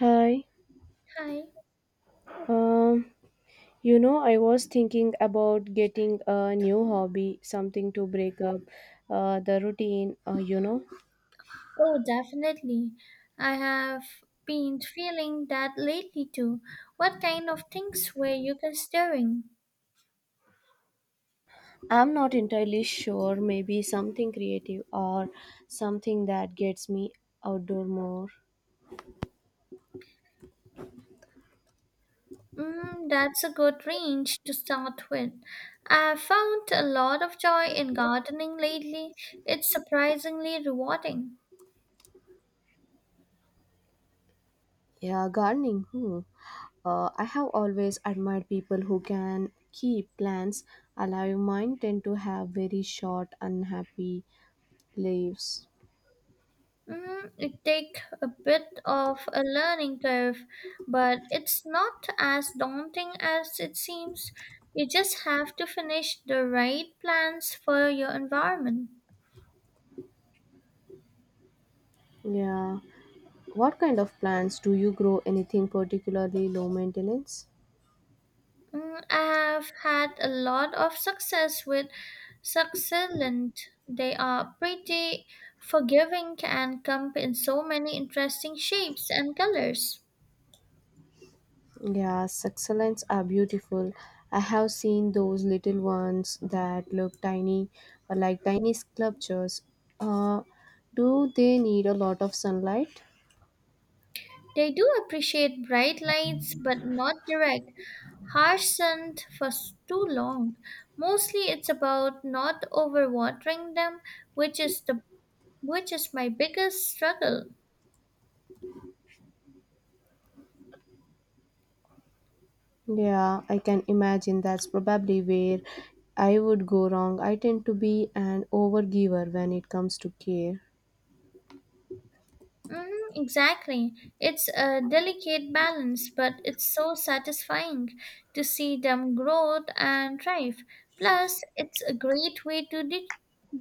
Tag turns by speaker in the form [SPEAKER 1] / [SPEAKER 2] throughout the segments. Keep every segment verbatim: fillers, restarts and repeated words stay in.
[SPEAKER 1] Hi.
[SPEAKER 2] Hi.
[SPEAKER 1] Um, you know, I was thinking about getting a new hobby, something to break up uh, the routine, uh, you know.
[SPEAKER 2] Oh, definitely. I have been feeling that lately too. What kind of things were you considering?
[SPEAKER 1] I'm not entirely sure, maybe something creative or something that gets me outdoor more.
[SPEAKER 2] Mm, that's a good range to start with. I found a lot of joy in gardening lately. It's surprisingly rewarding.
[SPEAKER 1] Yeah, gardening. Hmm. Uh, I have always admired people who can keep plants alive. Mine tend to have very short, unhappy leaves.
[SPEAKER 2] Mm, it takes a bit of a learning curve, but it's not as daunting as it seems. You just have to finish the right plans for your environment.
[SPEAKER 1] Yeah. What kind of plants do you grow? Anything particularly low maintenance?
[SPEAKER 2] Mm, I have had a lot of success with Succulent. They are pretty forgiving and come in so many interesting shapes and colors.
[SPEAKER 1] Yeah, succulents are beautiful. I have seen those little ones that look tiny, uh, like tiny sculptures. Uh, do they need a lot of sunlight?
[SPEAKER 2] They do appreciate bright lights, but not direct, harsh sun for s- too long. Mostly it's about not overwatering them, which is the which is my biggest struggle.
[SPEAKER 1] Yeah, I can imagine that's probably where I would go wrong. I tend to be an overgiver when it comes to care.
[SPEAKER 2] Mm, exactly. It's a delicate balance, but it's so satisfying to see them grow and thrive. Plus, it's a great way to de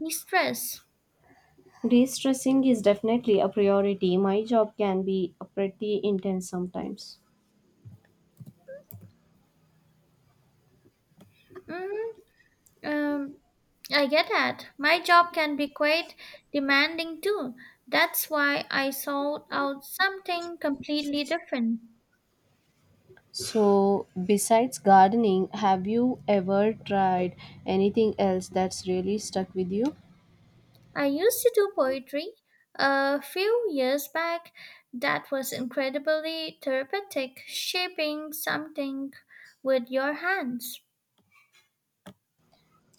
[SPEAKER 2] stress.
[SPEAKER 1] De-stressing is definitely a priority. My job can be uh, pretty intense sometimes.
[SPEAKER 2] Mm, um, I get that. My job can be quite demanding too. That's why I sought out something completely different.
[SPEAKER 1] So, besides gardening, have you ever tried anything else that's really stuck with you?
[SPEAKER 2] I used to do poetry a few years back. That was incredibly therapeutic, shaping something with your hands.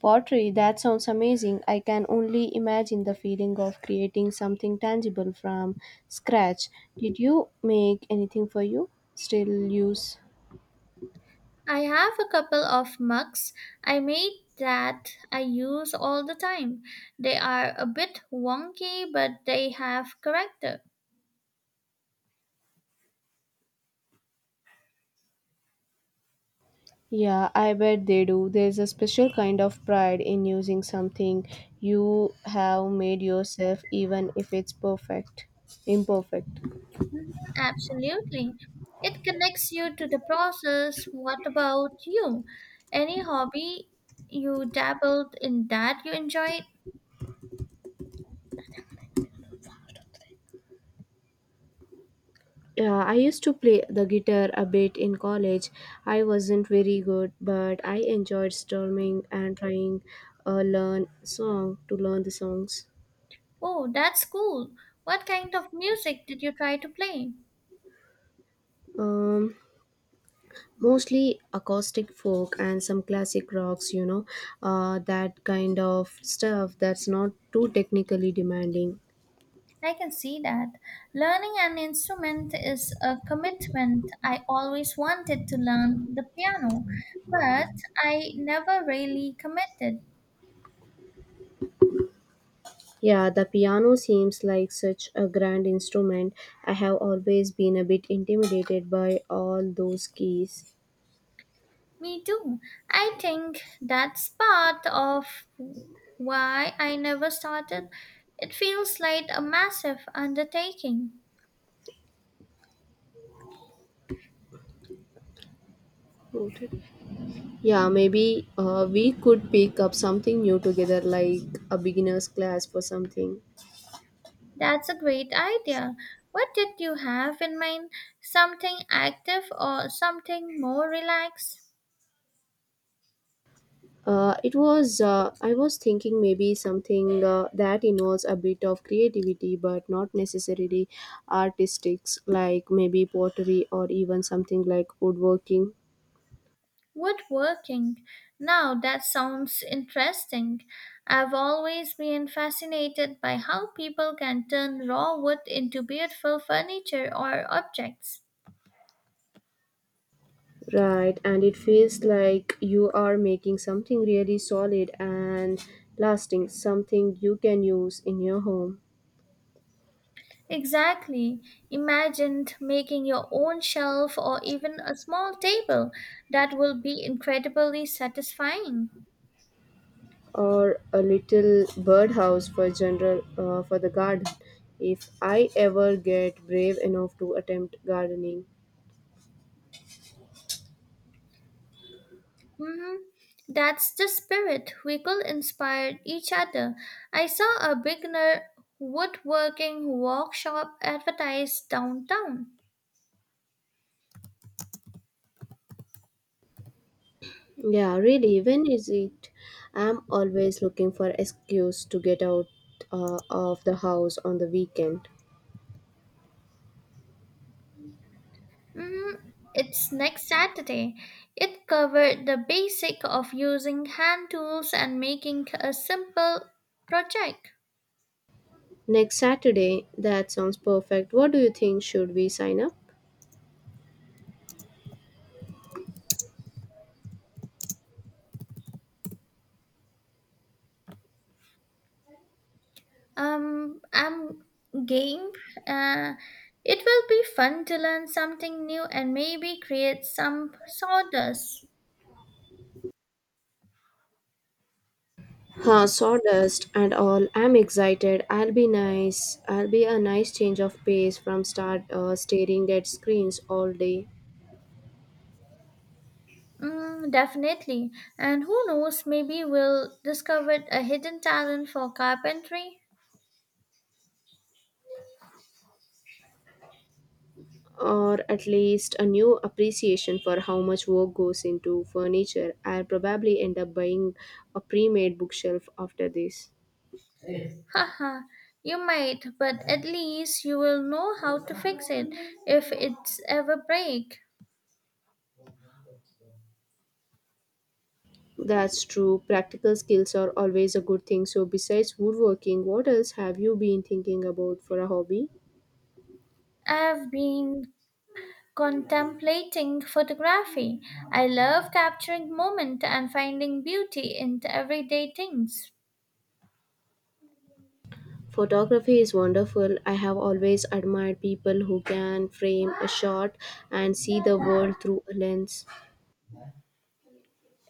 [SPEAKER 1] Pottery, that sounds amazing. I can only imagine the feeling of creating something tangible from scratch. Did you make anything for you? Still use?
[SPEAKER 2] I have a couple of mugs I made that I use all the time. They are a bit wonky, but they have character.
[SPEAKER 1] Yeah, I bet they do. There's a special kind of pride in using something you have made yourself, even if it's perfect, imperfect.
[SPEAKER 2] Mhm, absolutely. It connects you to the process. What about you? Any hobby you dabbled in that you enjoyed?
[SPEAKER 1] Yeah, I used to play the guitar a bit in college. I wasn't very good, but I enjoyed strumming and trying uh, learn song to learn the songs.
[SPEAKER 2] Oh, that's cool. What kind of music did you try to play?
[SPEAKER 1] Um, Mostly acoustic folk and some classic rocks, you know, uh, that kind of stuff that's not too technically demanding.
[SPEAKER 2] I can see that. Learning an instrument is a commitment. I always wanted to learn the piano, but I never really committed.
[SPEAKER 1] Yeah, the piano seems like such a grand instrument. I have always been a bit intimidated by all those keys.
[SPEAKER 2] Me too. I think that's part of why I never started. It feels like a massive undertaking.
[SPEAKER 1] Noted. Yeah, maybe uh, we could pick up something new together, like a beginner's class for something.
[SPEAKER 2] That's a great idea. What did you have in mind? Something active or something more relaxed?
[SPEAKER 1] Uh, it was, uh, I was thinking maybe something uh, that involves a bit of creativity but not necessarily artistics, like maybe pottery or even something like woodworking.
[SPEAKER 2] Woodworking. Now that sounds interesting. I've always been fascinated by how people can turn raw wood into beautiful furniture or objects.
[SPEAKER 1] Right, and it feels like you are making something really solid and lasting, something you can use in your home.
[SPEAKER 2] Exactly. Imagine making your own shelf or even a small table. That will be incredibly satisfying.
[SPEAKER 1] Or a little birdhouse for general uh, for the garden if I ever get brave enough to attempt gardening.
[SPEAKER 2] Mhm. That's the spirit. We could inspire each other. I saw a beginner woodworking workshop advertised downtown.
[SPEAKER 1] Yeah, really, when is it? I'm always looking for excuse to get out uh, of the house on the weekend.
[SPEAKER 2] Mhm. It's next Saturday. It covered the basic of using hand tools and making a simple project.
[SPEAKER 1] Next Saturday, that sounds perfect. What do you think? Should we sign up?
[SPEAKER 2] Um, I'm game. Uh, it will be fun to learn something new and maybe create some sawdust.
[SPEAKER 1] Huh, sawdust and all. I'm excited. I'll be nice. I'll be a nice change of pace from start uh, staring at screens all day.
[SPEAKER 2] Mm, definitely. And who knows, maybe we'll discover a hidden talent for carpentry.
[SPEAKER 1] Or at least a new appreciation for how much work goes into furniture. I'll probably end up buying a pre made bookshelf after this.
[SPEAKER 2] Haha, you might, but at least you will know how to fix it if it's ever break.
[SPEAKER 1] That's true. Practical skills are always a good thing. So, besides woodworking, what else have you been thinking about for a hobby?
[SPEAKER 2] I've been contemplating photography. I love capturing moment and finding beauty in the everyday things.
[SPEAKER 1] Photography is wonderful. I have always admired people who can frame a shot and see the world through a lens.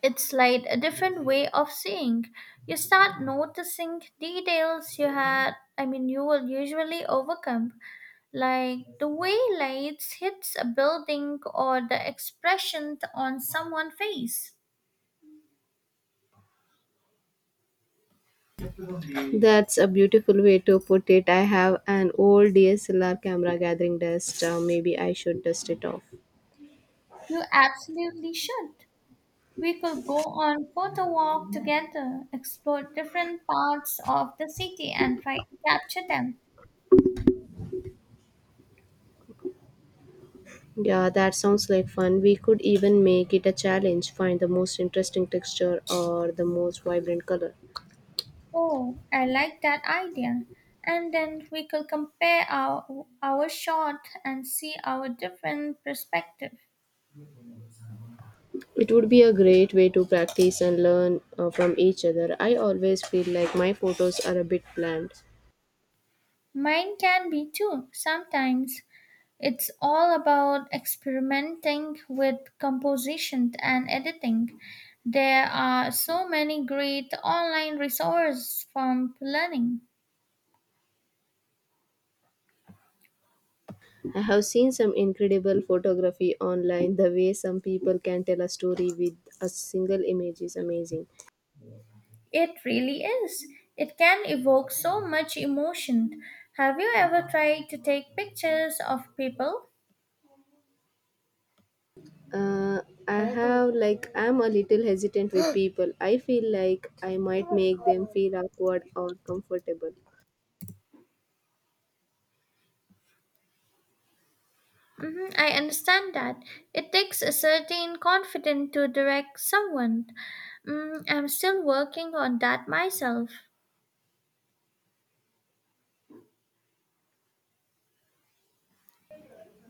[SPEAKER 2] It's like a different way of seeing. You start noticing details you had, I mean, you will usually overcome, like the way lights hits a building or the expression on someone's face.
[SPEAKER 1] That's a beautiful way to put it. I have an old D S L R camera gathering dust. Uh, maybe I should dust it off.
[SPEAKER 2] You absolutely should. We could go on photo walk together, explore different parts of the city and try to capture them.
[SPEAKER 1] Yeah, that sounds like fun. We could even make it a challenge find the most interesting texture or the most vibrant color.
[SPEAKER 2] Oh, I like that idea. And then we could compare our our shot and see our different perspective.
[SPEAKER 1] It would be a great way to practice and learn uh, from each other. I always feel like my photos are a bit bland.
[SPEAKER 2] Mine can be too. Sometimes it's all about experimenting with composition and editing. There are so many great online resources from learning.
[SPEAKER 1] I have seen some incredible photography online. The way some people can tell a story with a single image is amazing.
[SPEAKER 2] It really is. It can evoke so much emotion. Have you ever tried to take pictures of people?
[SPEAKER 1] uh, I have like I'm a little hesitant with people. I feel like I might make them feel awkward or comfortable.
[SPEAKER 2] Mhm, I understand that. It takes a certain confidence to direct someone. Mm, I'm still working on that myself.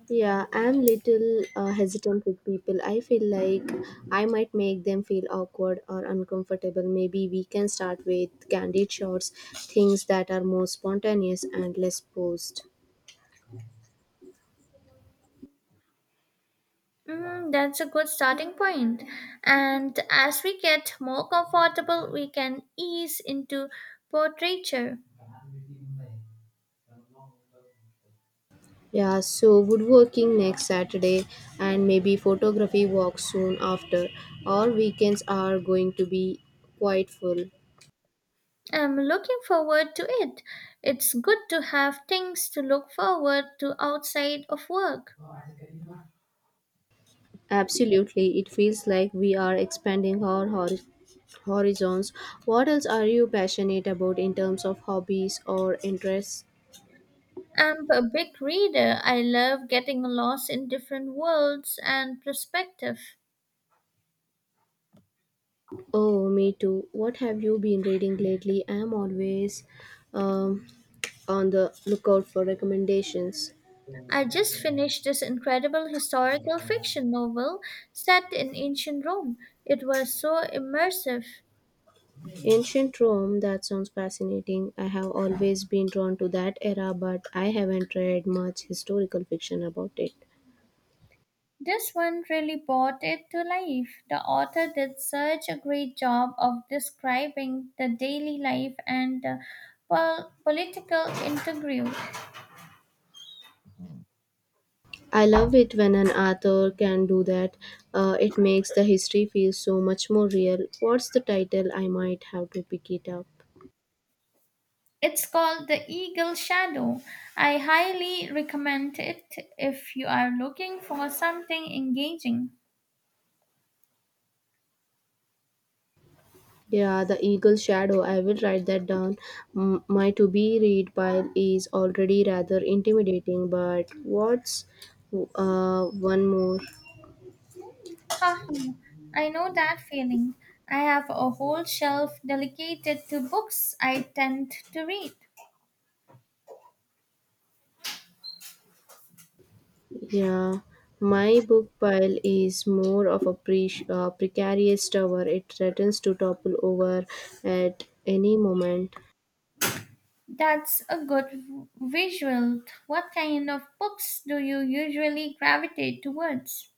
[SPEAKER 1] Yeah, I'm little uh, hesitant with people. I feel like I might make them feel awkward or uncomfortable. Maybe we can start with candid shots, things that are more spontaneous and less posed.
[SPEAKER 2] Mm, that's a good starting point. And as we get more comfortable, we can ease into portraiture.
[SPEAKER 1] Yeah, so woodworking next Saturday, and maybe photography walk soon after. Our weekends are going to be quite full.
[SPEAKER 2] I'm looking forward to it. It's good to have things to look forward to outside of work.
[SPEAKER 1] Absolutely, it feels like we are expanding our hori- horizons. What else are you passionate about in terms of hobbies or interests?
[SPEAKER 2] I'm a big reader. I love getting lost in different worlds and perspectives.
[SPEAKER 1] Oh, me too. What have you been reading lately? I am always um, on the lookout for recommendations.
[SPEAKER 2] I just finished this incredible historical fiction novel set in ancient Rome. It was so immersive.
[SPEAKER 1] Ancient Rome, that sounds fascinating. I have always been drawn to that era, but I haven't read much historical fiction about it.
[SPEAKER 2] This one really brought it to life. The author did such a great job of describing the daily life and the pol- political intrigue.
[SPEAKER 1] I love it when an author can do that. Uh, it makes the history feel so much more real. What's the title? I might have to pick it up.
[SPEAKER 2] It's called The Eagle Shadow. I highly recommend it if you are looking for something engaging.
[SPEAKER 1] Yeah, The Eagle Shadow. I will write that down. M- my to be read pile is already rather intimidating, but what's uh, one more?
[SPEAKER 2] Haha, I know that feeling. I have a whole shelf dedicated to books I tend to read.
[SPEAKER 1] Yeah, my book pile is more of a pre- uh, precarious tower. It threatens to topple over at any moment.
[SPEAKER 2] That's a good v- visual. What kind of books do you usually gravitate towards?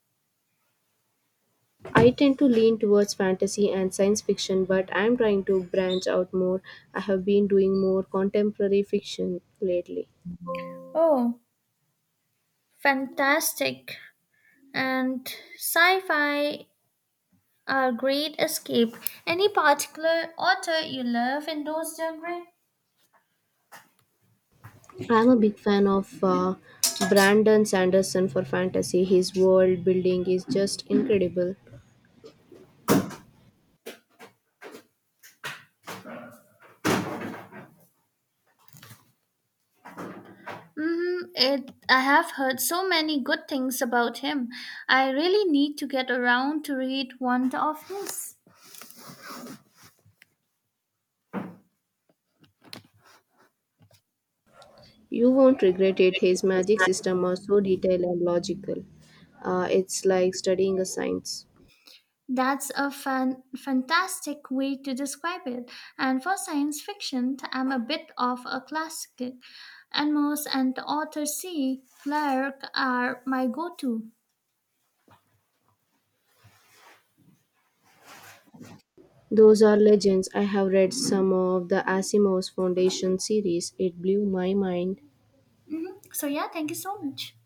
[SPEAKER 1] I tend to lean towards fantasy and science fiction, but I'm trying to branch out more. I have been doing more contemporary fiction lately.
[SPEAKER 2] Oh, fantastic. And sci fi are great escape. Any particular author you love in those genres?
[SPEAKER 1] I'm a big fan of uh, Brandon Sanderson for fantasy. His world building is just incredible.
[SPEAKER 2] Mm, it, I have heard so many good things about him. I really need to get around to read one of his.
[SPEAKER 1] You won't regret it. His magic system are so detailed and logical. Uh, it's like studying a science.
[SPEAKER 2] That's a fan, fantastic way to describe it. And for science fiction, I'm a bit of a classic. Amos and Arthur C. Clarke are my go-to.
[SPEAKER 1] Those are legends. I have read some of the Asimov's Foundation series. It blew my mind.
[SPEAKER 2] Mhm. So yeah, thank you so much.